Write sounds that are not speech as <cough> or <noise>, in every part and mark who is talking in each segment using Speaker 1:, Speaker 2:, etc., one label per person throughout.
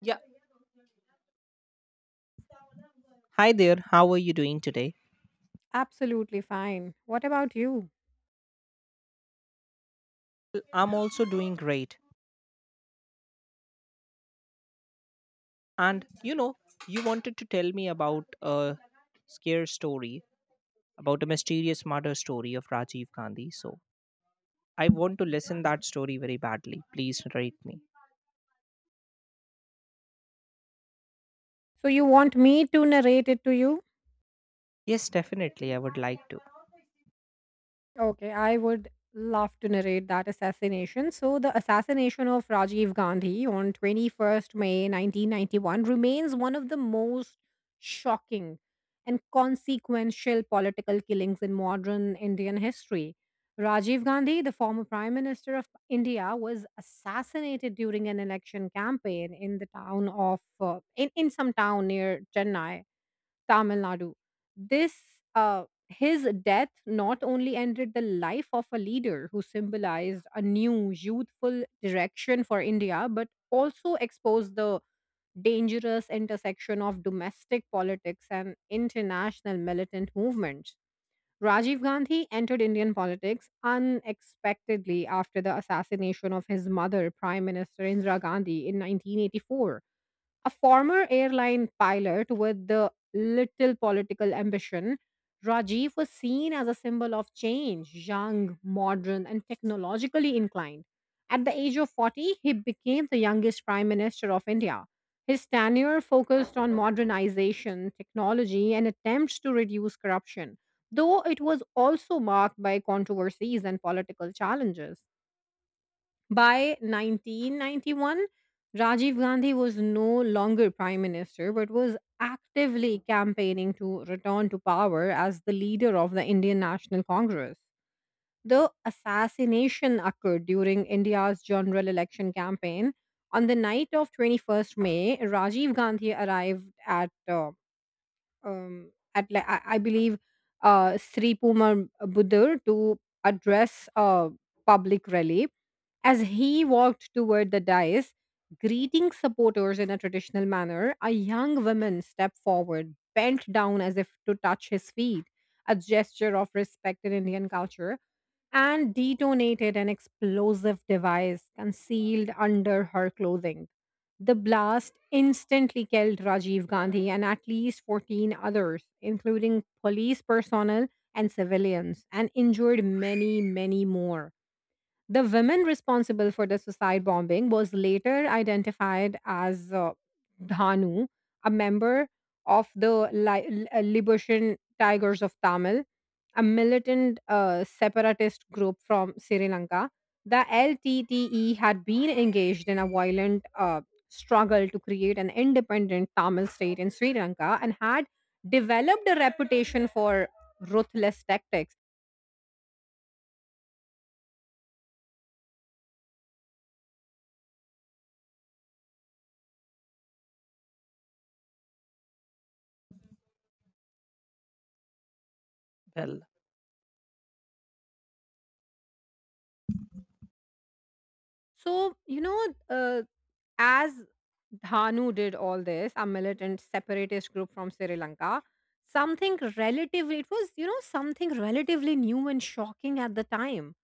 Speaker 1: Yeah. Hi there. How are you doing today?
Speaker 2: Absolutely fine. What about you?
Speaker 1: Well, I'm also doing great. And you know, you wanted to tell me about a scare story, about a mysterious murder story of Rajiv Gandhi. So I want to listen that story very badly. Please narrate me.
Speaker 2: So you want me to narrate it to you?
Speaker 1: Yes, definitely. I would like to.
Speaker 2: Okay, I would love to narrate that assassination. So the assassination of Rajiv Gandhi on 21st May 1991 remains one of the most shocking and consequential political killings in modern Indian history. Rajiv Gandhi, the former Prime Minister of India, was assassinated during an election campaign in the town of in some town near Chennai Tamil Nadu. This His death not only ended the life of a leader who symbolized a new youthful direction for India, but also exposed the dangerous intersection of domestic politics and international militant movements. Rajiv Gandhi entered Indian politics unexpectedly after the assassination of his mother, Prime Minister Indira Gandhi, in 1984. A former airline pilot with the little political ambition, Rajiv was seen as a symbol of change, young, modern, and technologically inclined. At the age of 40, he became the youngest prime minister of India. His tenure focused on modernization, technology, and attempts to reduce corruption, though it was also marked by controversies and political challenges. By 1991, Rajiv Gandhi was no longer prime minister but was actively campaigning to return to power as the leader of the Indian National Congress. The assassination occurred during India's general election campaign. On the night of 21st May, Rajiv Gandhi arrived at, I believe, Sri Pumar Budur to address a public rally. As he walked toward the dais, greeting supporters in a traditional manner, a young woman stepped forward, bent down as if to touch his feet, a gesture of respect in Indian culture, and detonated an explosive device concealed under her clothing. The blast instantly killed Rajiv Gandhi and at least 14 others, including police personnel and civilians, and injured many, many more. The women responsible for the suicide bombing was later identified as Dhanu, a member of the Liberation Tigers of Tamil, a militant separatist group from Sri Lanka. The LTTE had been engaged in a violent struggle to create an independent Tamil state in Sri Lanka and had developed a reputation for ruthless tactics.
Speaker 1: Well,
Speaker 2: So, you know, uh, as Dhanu did all this, a militant separatist group from Sri Lanka, something relatively, it was, something relatively new and shocking at the time.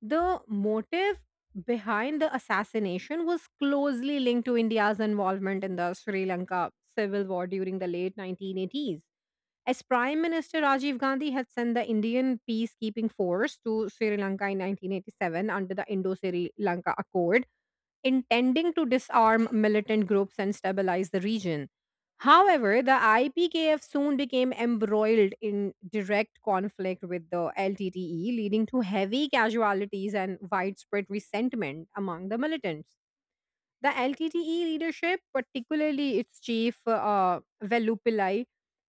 Speaker 2: The motive behind the assassination was closely linked to India's involvement in the Sri Lanka civil war during the late 1980s. As Prime Minister Rajiv Gandhi had sent the Indian peacekeeping force to Sri Lanka in 1987 under the Indo Sri Lanka Accord, intending to disarm militant groups and stabilize the region. However, the IPKF soon became embroiled in direct conflict with the LTTE, leading to heavy casualties and widespread resentment among the militants. The LTTE leadership, particularly its chief Velupillai,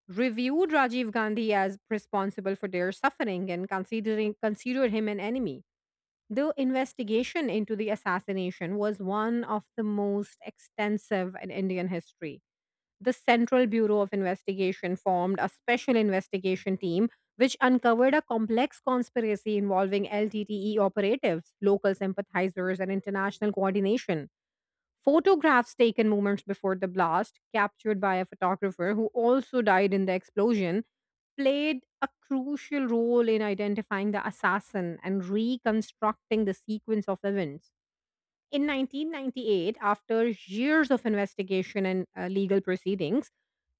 Speaker 2: reviewed Rajiv Gandhi as responsible for their suffering and considering considered him an enemy. The investigation into the assassination was one of the most extensive in Indian history. The Central Bureau of Investigation formed a special investigation team which uncovered a complex conspiracy involving LTTE operatives, local sympathizers, and international coordination. Photographs taken moments before the blast, captured by a photographer who also died in the explosion, played a crucial role in identifying the assassin and reconstructing the sequence of events. In 1998, after years of investigation and legal proceedings,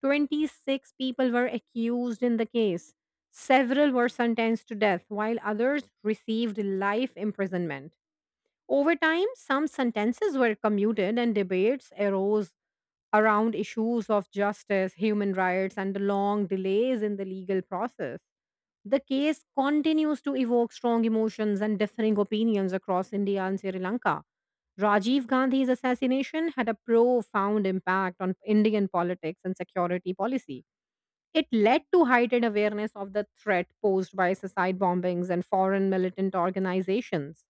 Speaker 2: 26 people were accused in the case. Several were sentenced to death, while others received life imprisonment. Over time, some sentences were commuted and debates arose around issues of justice, human rights, and the long delays in the legal process. The case continues to evoke strong emotions and differing opinions across India and Sri Lanka. Rajiv Gandhi's assassination had a profound impact on Indian politics and security policy. It led to heightened awareness of the threat posed by suicide bombings and foreign militant organizations.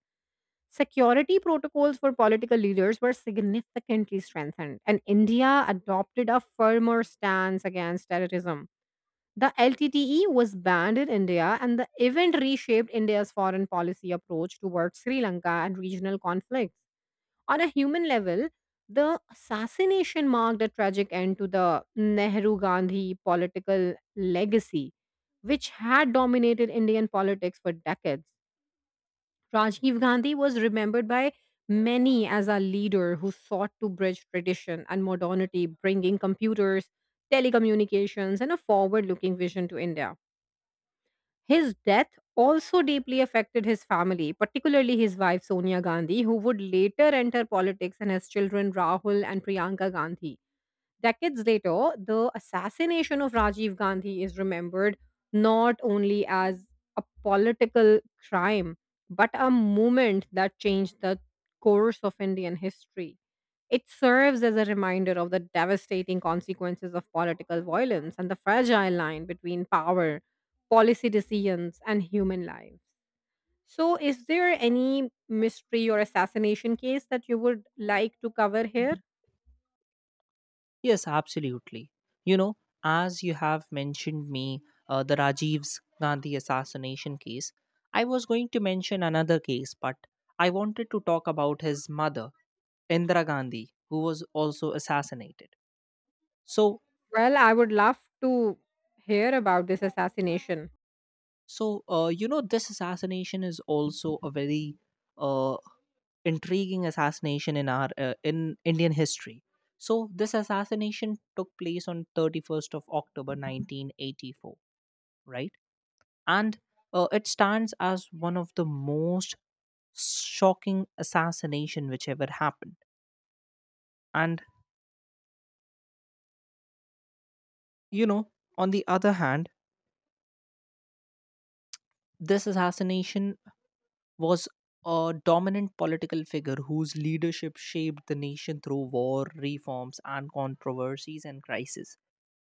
Speaker 2: Security protocols for political leaders were significantly strengthened, and India adopted a firmer stance against terrorism. The LTTE was banned in India, and the event reshaped India's foreign policy approach towards Sri Lanka and regional conflicts. On a human level, the assassination marked a tragic end to the Nehru Gandhi political legacy, which had dominated Indian politics for decades. Rajiv Gandhi was remembered by many as a leader who sought to bridge tradition and modernity, bringing computers, telecommunications, and a forward looking vision to India. His death also deeply affected his family, particularly his wife Sonia Gandhi, who would later enter politics, and his children Rahul and Priyanka Gandhi. Decades later, the assassination of Rajiv Gandhi is remembered not only as a political crime, but a moment that changed the course of Indian history. It serves as a reminder of the devastating consequences of political violence and the fragile line between power, policy decisions, and human lives. So, is there any mystery or assassination case that you would like to cover here?
Speaker 1: yes, absolutely. You know, as you have mentioned me, the Rajiv's Gandhi assassination case. I was going to mention another case, but I wanted to talk about his mother Indira Gandhi, who was also assassinated. So,
Speaker 2: Well, I would love to hear about this assassination.
Speaker 1: so, this assassination is also a very uh, intriguing assassination in our in Indian history. So, this assassination took place on 31st of October 1984, right? And it stands as one of the most shocking assassination which ever happened. And you know, on the other hand, this assassination was a dominant political figure whose leadership shaped the nation through war, reforms, and controversies and crises.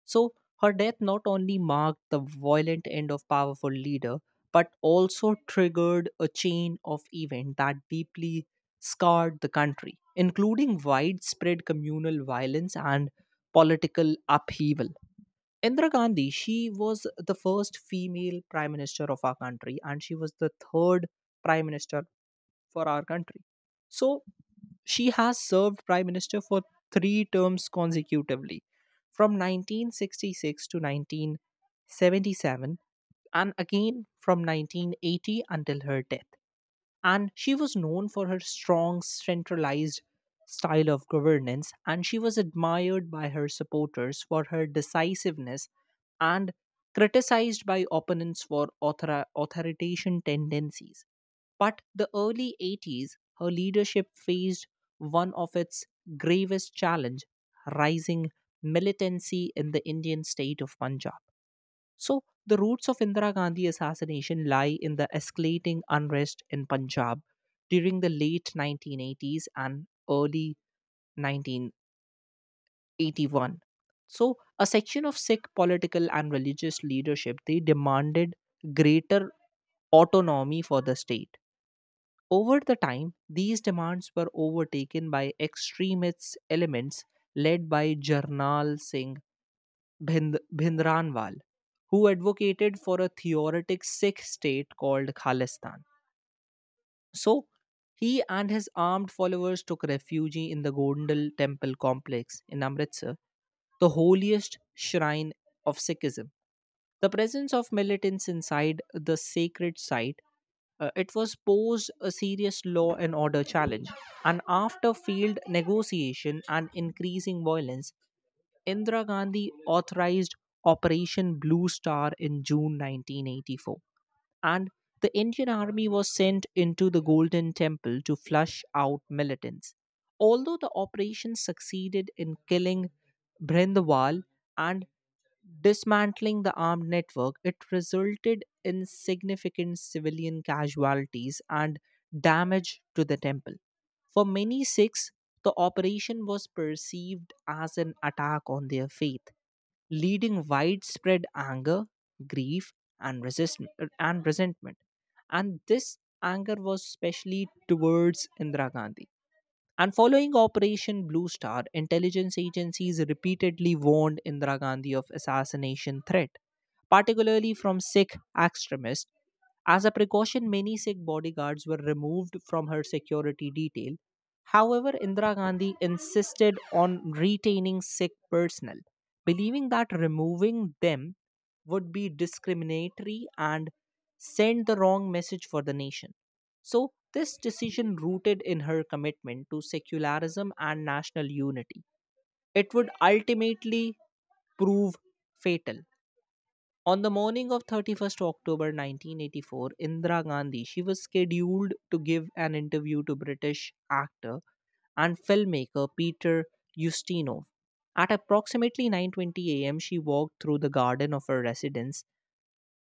Speaker 1: So, her death not only marked the violent end of powerful leader, but also triggered a chain of events that deeply scarred the country, including widespread communal violence and political upheaval. Indira Gandhi, she was the first female prime minister of our country, and she was the third prime minister for our country. So she has served prime minister for three terms consecutively from 1966 to 1977, and again from 1980 until her death. And she was known for her strong centralized style of governance, and she was admired by her supporters for her decisiveness and criticized by opponents for authoritarian tendencies. But the early 80s, her leadership faced one of its gravest challenge: rising militancy in the Indian state of Punjab. So, the roots of Indira Gandhi assassination lie in the escalating unrest in Punjab during the late 1980s and early 1981. So, a section of Sikh political and religious leadership, they demanded greater autonomy for the state. Over the time, these demands were overtaken by extremist elements led by Jarnal Singh Bhindranwal, who advocated for a theoretic Sikh state called Khalistan. So, he and his armed followers took refuge in the Gondal temple complex in Amritsar, the holiest shrine of Sikhism. The presence of militants inside the sacred site, it was posed a serious law and order challenge. And after failed negotiation and increasing violence, Indira Gandhi authorized Operation Blue Star in June 1984, and the Indian army was sent into the Golden Temple to flush out militants. Although the operation succeeded in killing Brindawal and dismantling the armed network, it resulted in significant civilian casualties and damage to the temple. For many Sikhs, the operation was perceived as an attack on their faith, leading widespread anger, grief, and, resist- and resentment. And this anger was especially towards Indira Gandhi. And following Operation Blue Star, intelligence agencies repeatedly warned Indira Gandhi of assassination threat, particularly from Sikh extremists. As a precaution, many Sikh bodyguards were removed from her security detail. However, Indira Gandhi insisted on retaining Sikh personnel, believing that removing them would be discriminatory and send the wrong message for the nation. So, this decision rooted in her commitment to secularism and national unity. It would ultimately prove fatal. On the morning of 31st October 1984, Indira Gandhi, she was scheduled to give an interview to British actor and filmmaker Peter Ustinov. At approximately 9:20 a.m., she walked through the garden of her residence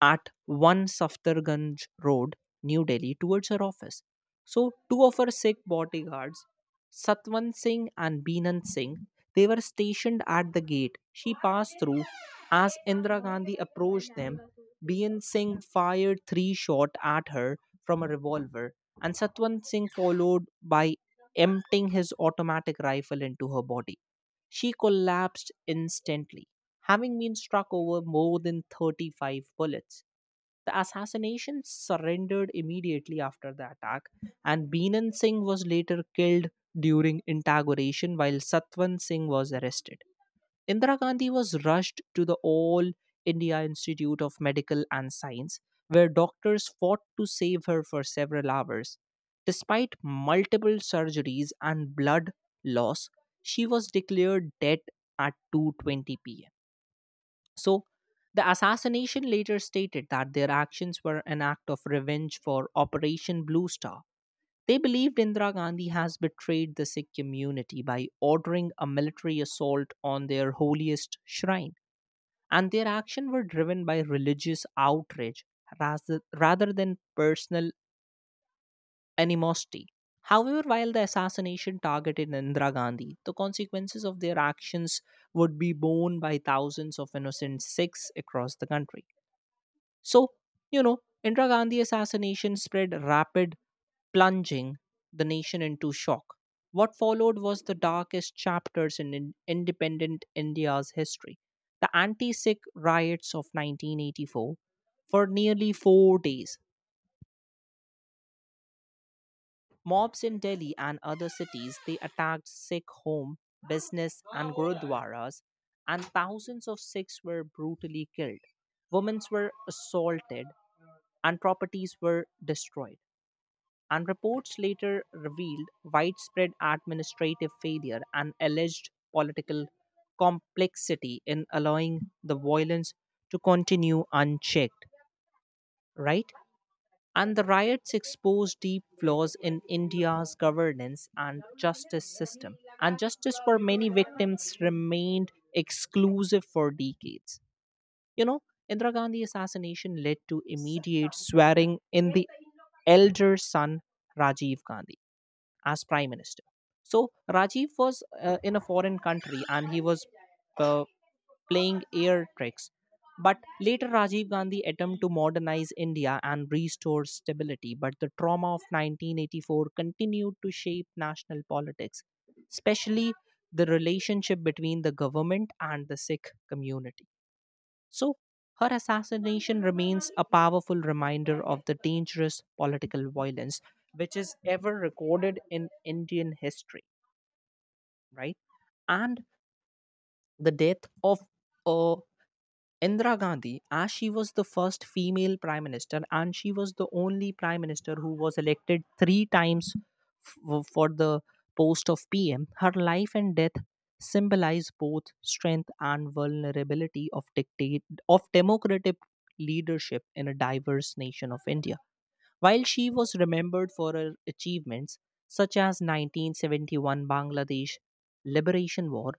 Speaker 1: at 1 Safdarganj Road, New Delhi, towards her office. So, two of her Sikh bodyguards, Satwan Singh and Binan Singh, they were stationed at the gate she passed through. As Indira Gandhi approached them, Binan Singh fired three shots at her from a revolver, and Satwan Singh followed by emptying his automatic rifle into her body. She collapsed instantly, having been struck over more than 35 bullets. The assassination surrendered immediately after the attack, and Binan Singh was later killed during inauguration, while Satwan Singh was arrested. Indira Gandhi was rushed to the All India Institute of Medical and Science, where doctors fought to save her for several hours. Despite multiple surgeries and blood loss, she was declared dead at 2:20 p.m. So the assassination later stated that their actions were an act of revenge for Operation Blue Star. They believed Indira Gandhi has betrayed the Sikh community by ordering a military assault on their holiest shrine, and their actions were driven by religious outrage rather than personal animosity. However, while the assassination targeted Indira Gandhi, the consequences of their actions would be borne by thousands of innocent Sikhs across the country. So, you know, Indira Gandhi assassination spread rapid, plunging the nation into shock. What followed was the darkest chapters in independent India's history: the anti Sikh riots of 1984. For nearly 4 days, mobs in Delhi and other cities, they attacked Sikh home, business, and gurudwaras, and thousands of Sikhs were brutally killed. Women were assaulted, and properties were destroyed. And reports later revealed widespread administrative failure and alleged political complexity in allowing the violence to continue unchecked, right? And the riots exposed deep flaws in India's governance and justice system. And justice for many victims remained exclusive for decades. You know, Indira Gandhi assassination led to immediate swearing in the elder son Rajiv Gandhi as prime minister. So Rajiv was in a foreign country, and he was uh, playing air tricks. But later, Rajiv Gandhi attempted to modernize India and restore stability. But the trauma of 1984 continued to shape national politics, especially the relationship between the government and the Sikh community. So her assassination remains a powerful reminder of the dangerous political violence which is ever recorded in Indian history, right? And the death of a Indira Gandhi, as she was the first female prime minister, and she was the only prime minister who was elected three times for the post of PM, her life and death symbolize both strength and vulnerability of dictate of democratic leadership in a diverse nation of India. While she was remembered for her achievements such as 1971 Bangladesh liberation war,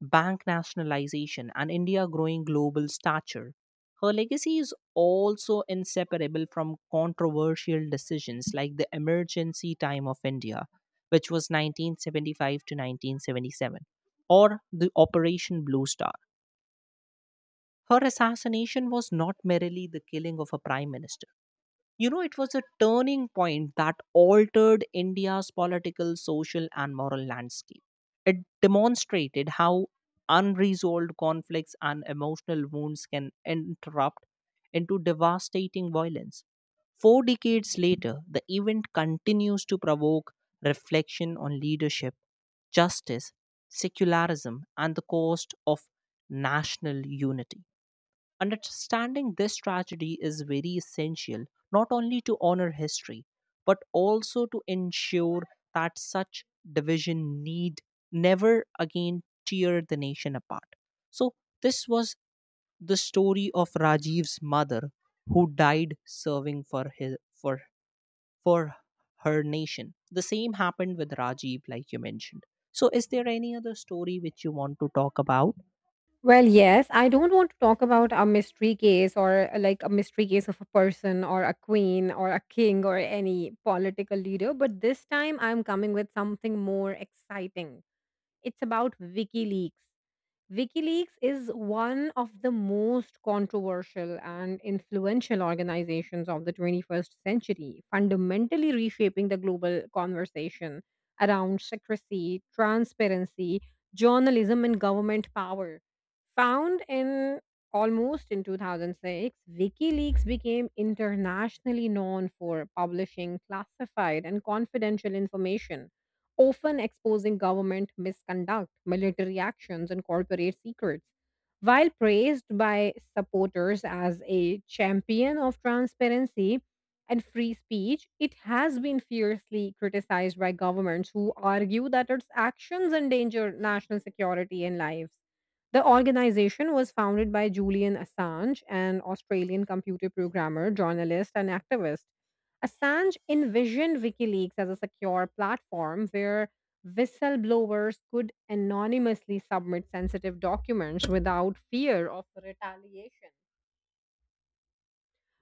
Speaker 1: bank nationalization, and India's growing global stature, her legacy is also inseparable from controversial decisions like the emergency time of India, which was 1975 to 1977, or the Operation Blue Star. Her assassination was not merely the killing of a prime minister. You know, it was a turning point that altered India's political, social, and moral landscape. It demonstrated how unresolved conflicts and emotional wounds can interrupt into devastating violence. Four decades later, the event continues to provoke reflection on leadership, justice, secularism, and the cost of national unity. Understanding this tragedy is very essential, not only to honor history, but also to ensure that such division need never again tear the nation apart. So this was the story of Rajiv's mother, who died serving for his for her nation. The same happened with Rajiv, like you mentioned. So is there any other story which you want to talk about?
Speaker 2: Well, yes, I don't want to talk about a mystery case or like a mystery case of a person or a queen or a king or any political leader, but this time I'm coming with something more exciting. It's about WikiLeaks. WikiLeaks is one of the most controversial and influential organizations of the 21st century, fundamentally reshaping the global conversation around secrecy, transparency, journalism, and government power. Found in almost in 2006, WikiLeaks became internationally known for publishing classified and confidential information, often exposing government misconduct, military actions, and corporate secrets. While praised by supporters as a champion of transparency and free speech, it has been fiercely criticized by governments who argue that its actions endanger national security and lives. The organization was founded by Julian Assange, an Australian computer programmer, journalist, and activist. Assange envisioned WikiLeaks as a secure platform where whistleblowers could anonymously submit sensitive documents without fear of retaliation.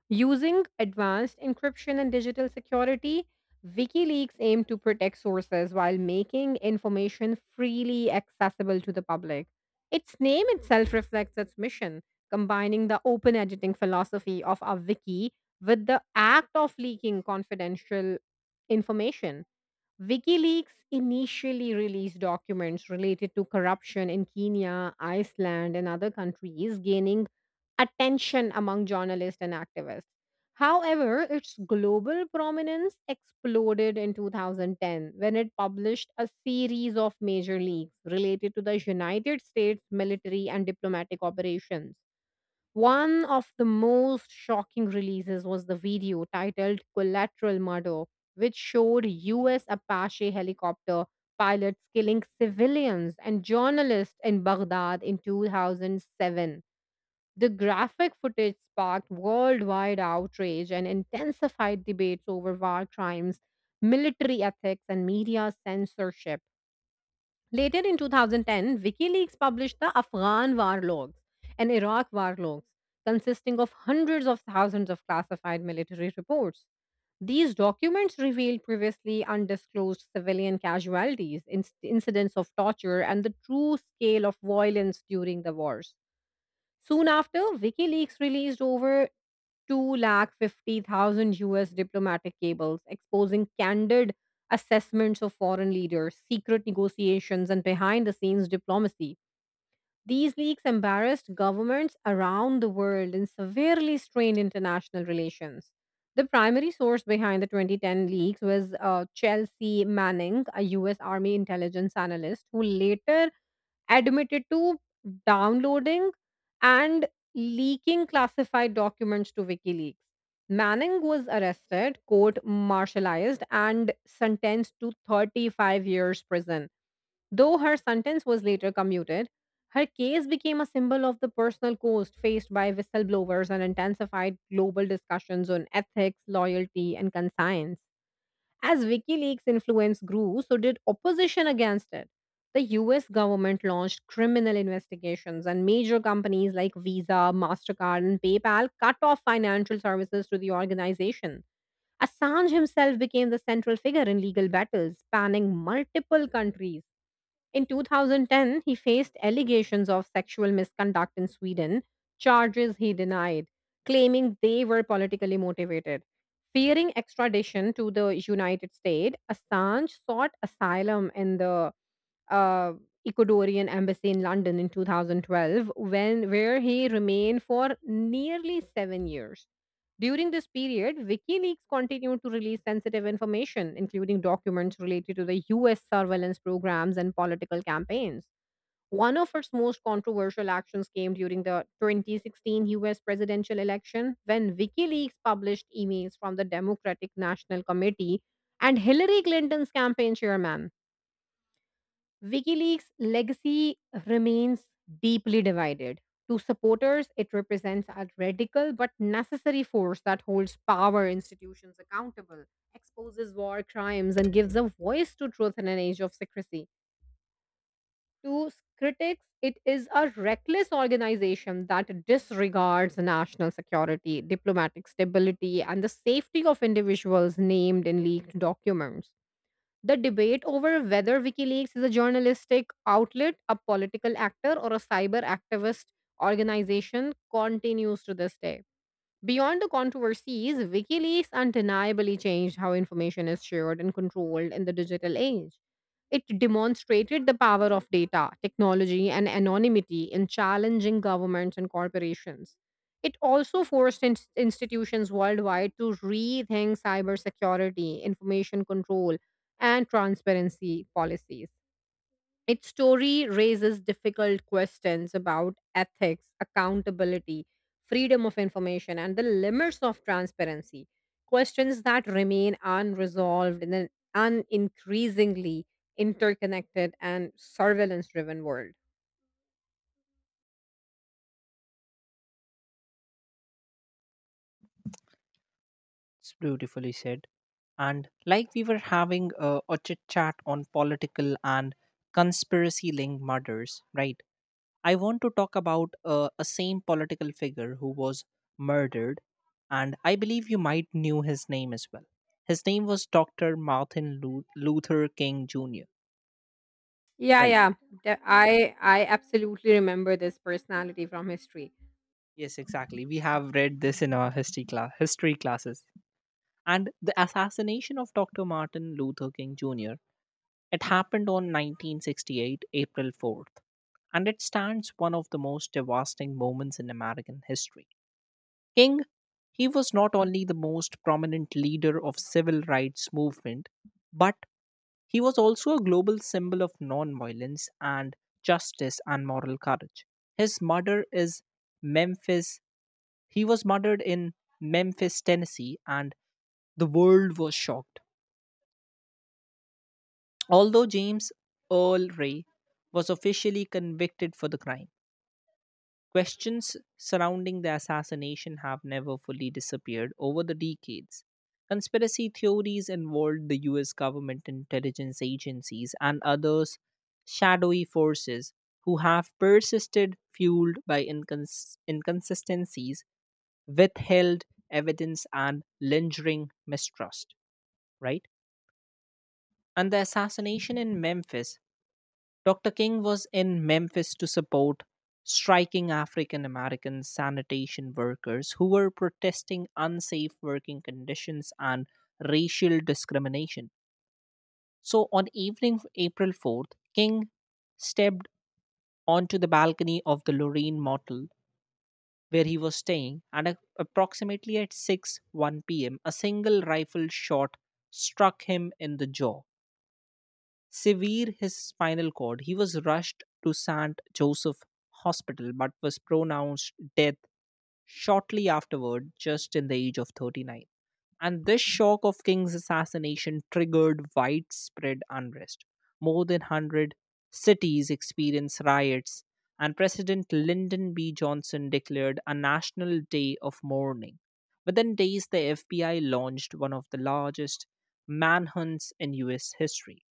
Speaker 2: Using advanced encryption and digital security, WikiLeaks aim to protect sources while making information freely accessible to the public. Its name itself reflects its mission, combining the open editing philosophy of a wiki with the act of leaking confidential information. WikiLeaks initially released documents related to corruption in Kenya, Iceland, and other countries, gaining attention among journalists and activists. However, its global prominence exploded in 2010 when it published a series of major leaks related to the United States military and diplomatic operations. One of the most shocking releases was the video titled Collateral Murder, which showed US Apache helicopter pilots killing civilians and journalists in Baghdad in 2007. The graphic footage sparked worldwide outrage and intensified debates over war crimes, military ethics, and media censorship. Later in 2010, WikiLeaks published the Afghan war logs and Iraq war logs, consisting of hundreds of thousands of classified military reports. These documents revealed previously undisclosed civilian casualties, incidents of torture, and the true scale of violence during the wars. Soon after, WikiLeaks released over 250,000 US diplomatic cables exposing candid assessments of foreign leaders, secret negotiations, and behind the scenes diplomacy. These leaks embarrassed governments around the world and severely strained international relations. The primary source behind the 2010 leaks was Chelsea Manning, a US Army intelligence analyst, who later admitted to downloading and leaking classified documents to WikiLeaks. Manning was arrested, court martialized, and sentenced to 35 years prison. Though her sentence was later commuted, her case became a symbol of the personal cost faced by whistleblowers and intensified global discussions on ethics, loyalty, and conscience. As WikiLeaks' influence grew, so did opposition against it. The US government launched criminal investigations, and major companies like Visa, MasterCard, and PayPal cut off financial services to the organization. Assange himself became the central figure in legal battles spanning multiple countries. In 2010, he faced allegations of sexual misconduct in Sweden, charges he denied, claiming they were politically motivated. Fearing extradition to the United States, Assange sought asylum in the uh, Ecuadorian embassy in London in 2012, when where he remained for nearly 7 years. During this period, WikiLeaks continued to release sensitive information, including documents related to the US surveillance programs and political campaigns. One of its most controversial actions came during the 2016 US presidential election when WikiLeaks published emails from the Democratic National Committee and Hillary Clinton's campaign chairman. WikiLeaks' legacy remains deeply divided. To supporters, it represents a radical but necessary force that holds power institutions accountable, exposes war crimes, and gives a voice to truth in an age of secrecy. To critics, it is a reckless organization that disregards national security, diplomatic stability, and the safety of individuals named in leaked documents. The debate over whether WikiLeaks is a journalistic outlet, a political actor, or a cyber activist organization continues to this day. Beyond the controversies, WikiLeaks undeniably changed how information is shared and controlled in the digital age. It demonstrated the power of data, technology, and anonymity in challenging governments and corporations. It also forced institutions worldwide to rethink cybersecurity, information control, and transparency policies. Its story raises difficult questions about ethics, accountability, freedom of information, and the limits of transparency. Questions that remain unresolved in an increasingly interconnected and surveillance driven world.
Speaker 1: It's beautifully said. And like we were having a chit chat on political and conspiracy linked murders, right? I want to talk about a same political figure who was murdered, and I believe you might knew his name as well. His name was Dr. Martin Luther King Jr.
Speaker 2: Yeah,
Speaker 1: Right?
Speaker 2: yeah. I absolutely remember this personality from history.
Speaker 1: Yes, exactly. We have read this in our history class, history classes. And the assassination of Dr. Martin Luther King Jr, it happened on 1968, April 4th, and it stands one of the most devastating moments in American history. King, he was not only the most prominent leader of civil rights movement, but he was also a global symbol of nonviolence and justice and moral courage. His murder is Memphis. He was murdered in Memphis, Tennessee, and the world was shocked. Although James Earl Ray was officially convicted for the crime, questions surrounding the assassination have never fully disappeared over the decades. Conspiracy theories involved the US government intelligence agencies and others shadowy forces who have persisted, fueled by inconsistencies, withheld evidence, and lingering mistrust, right? And the assassination in Memphis, Dr. King was in Memphis to support striking African American sanitation workers who were protesting unsafe working conditions and racial discrimination. So on evening of April 4th, King stepped onto the balcony of the Lorraine Motel where he was staying, and approximately at 6 1 p.m., a single rifle shot struck him in the jaw, severe his spinal cord. He was rushed to St. Joseph Hospital, but was pronounced dead shortly afterward, just in the age of 39. And this shock of King's assassination triggered widespread unrest. More than 100 cities experienced riots, and President Lyndon B. Johnson declared a national day of mourning. Within days, the FBI launched one of the largest manhunts in US history.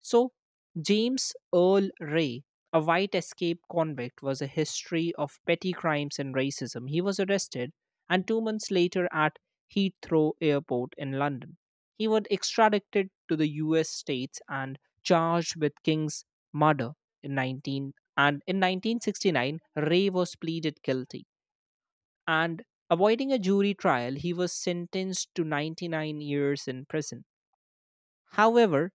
Speaker 1: So, James Earl Ray, a white escape convict, was a history of petty crimes and racism. He was arrested and 2 months later at Heathrow Airport in London. He was extradited to the US states and charged with King's murder in 19 and in 1969. Ray was pleaded guilty and avoiding a jury trial, he was sentenced to 99 years in prison. However,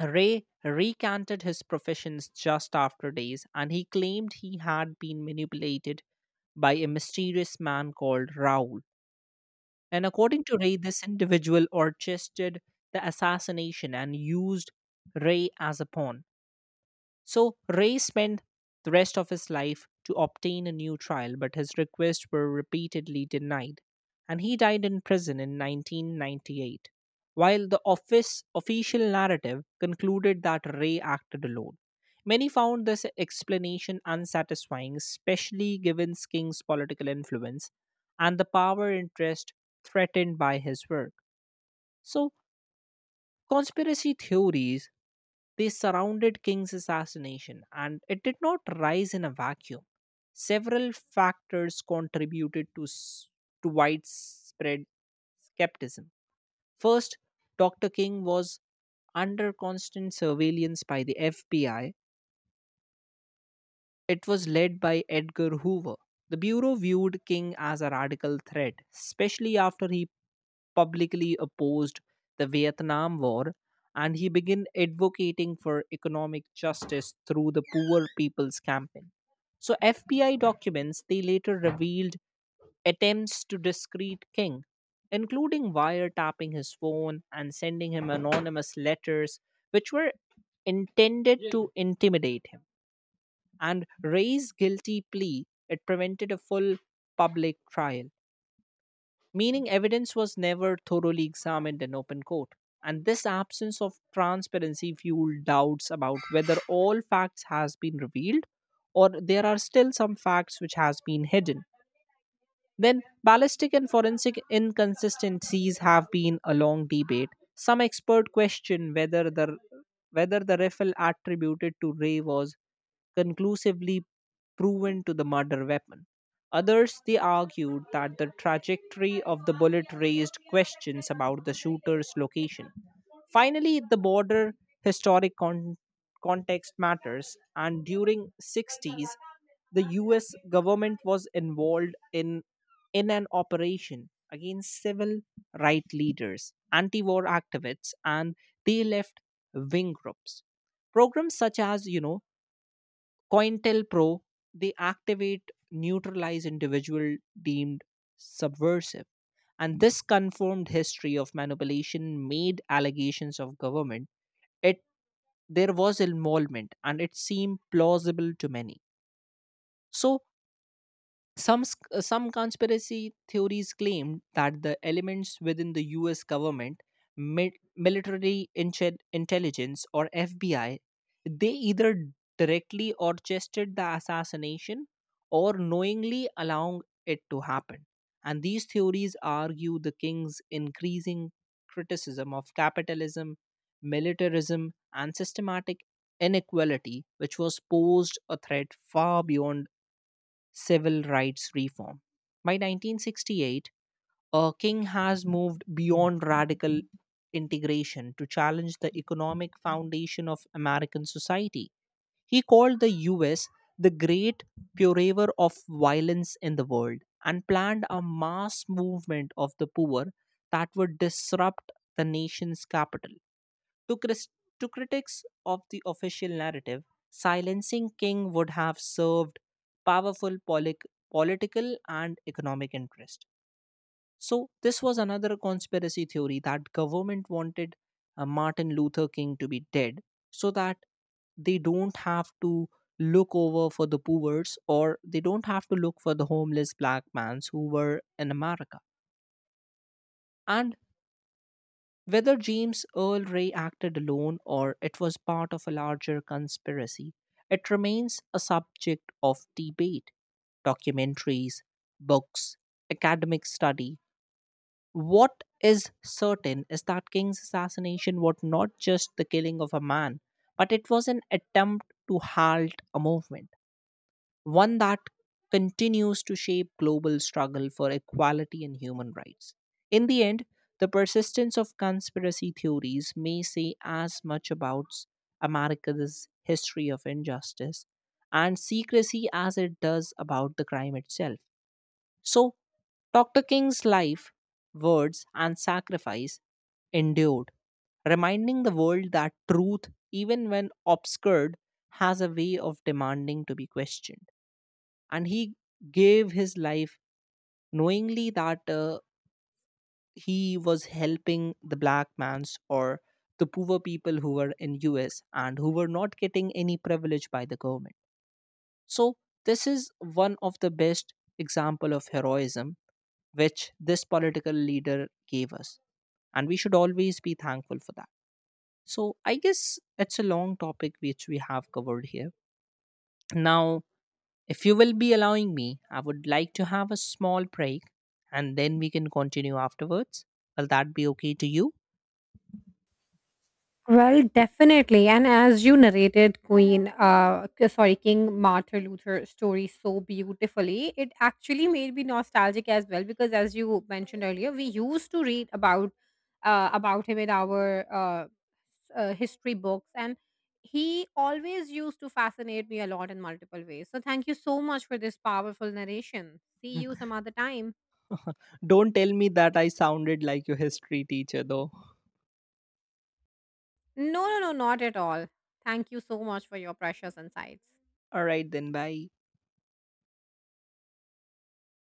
Speaker 1: Ray recanted his professions just after days, and he claimed he had been manipulated by a mysterious man called Raoul. And according to Ray, this individual orchestrated the assassination and used Ray as a pawn. So Ray spent the rest of his life to obtain a new trial, but his requests were repeatedly denied, and he died in prison in 1998. While the office official narrative concluded that Ray acted alone, many found this explanation unsatisfying, especially given King's political influence and the power interest threatened by his work. So, conspiracy theories they surrounded King's assassination, and it did not rise in a vacuum. Several factors contributed to widespread skepticism. First, Dr. King was under constant surveillance by the FBI. It was led by Edgar Hoover. The Bureau viewed King as a radical threat, especially after he publicly opposed the Vietnam War, and he began advocating for economic justice through the Poor People's Campaign. So FBI documents they later revealed attempts to discredit King, including wiretapping his phone and sending him anonymous letters, which were intended to intimidate him. And Ray's guilty plea it prevented a full public trial, meaning evidence was never thoroughly examined in open court. And this absence of transparency fueled doubts about whether all facts has been revealed, or there are still some facts which has been hidden. Then, ballistic and forensic inconsistencies have been a long debate. Some expert question whether the rifle attributed to Ray was conclusively proven to the murder weapon. Others they argued that the trajectory of the bullet raised questions about the shooter's location. Finally, the border historic con- context matters, and during 60's the US government was involved in an operation against civil rights leaders, anti war activists, and they left wing groups. Programs such as, COINTELPRO, they activate, neutralize individual deemed subversive. And this confirmed history of manipulation made allegations of government. It There was involvement and it seemed plausible to many. So some conspiracy theories claim that the elements within the US government, intelligence, or FBI, they either directly orchestrated the assassination or knowingly allowing it to happen. And these theories argue the king's increasing criticism of capitalism, militarism, and systematic inequality, which was posed a threat far beyond civil rights reform. By 1968, King has moved beyond radical integration to challenge the economic foundation of American society. He called the US the great purveyor of violence in the world and planned a mass movement of the poor that would disrupt the nation's capital. To, cris- to critics of the official narrative, silencing King would have served powerful political and economic interest. So this was another conspiracy theory that government wanted Martin Luther King to be dead so that they don't have to look over for the poors, or they don't have to look for the homeless black mans who were in America. And whether James Earl Ray acted alone or it was part of a larger conspiracy, it remains a subject of debate. Documentaries, books, academic study. What is certain is that King's assassination was not just the killing of a man, but it was an attempt to halt a movement, one that continues to shape global struggle for equality and human rights. In the end, the persistence of conspiracy theories may say as much about America's history of injustice and secrecy as it does about the crime itself. So, Dr. King's life, words, and sacrifice endured, reminding the world that truth, even when obscured, has a way of demanding to be questioned. And he gave his life knowingly that he was helping the black mans or the poor people who were in us and who were not getting any privilege by the government. So this is one of the best example of heroism which this political leader gave us, and we should always be thankful for that. So I guess it's a long topic which we have covered here now. If you will be allowing me, I would like to have a small break, and then we can continue afterwards. Will that be okay to you?
Speaker 2: Well, definitely. And as you narrated Queen, sorry, King Martin Luther story so beautifully, it actually made me nostalgic as well because, as you mentioned earlier, we used to read about him in our history books, and he always used to fascinate me a lot in multiple ways. So, thank you so much for this powerful narration. See you
Speaker 1: <laughs>
Speaker 2: some other time.
Speaker 1: Don't tell me that I sounded like your history teacher though.
Speaker 2: No, no, no, not at all. Thank you so much for your precious insights.
Speaker 1: All right then, bye.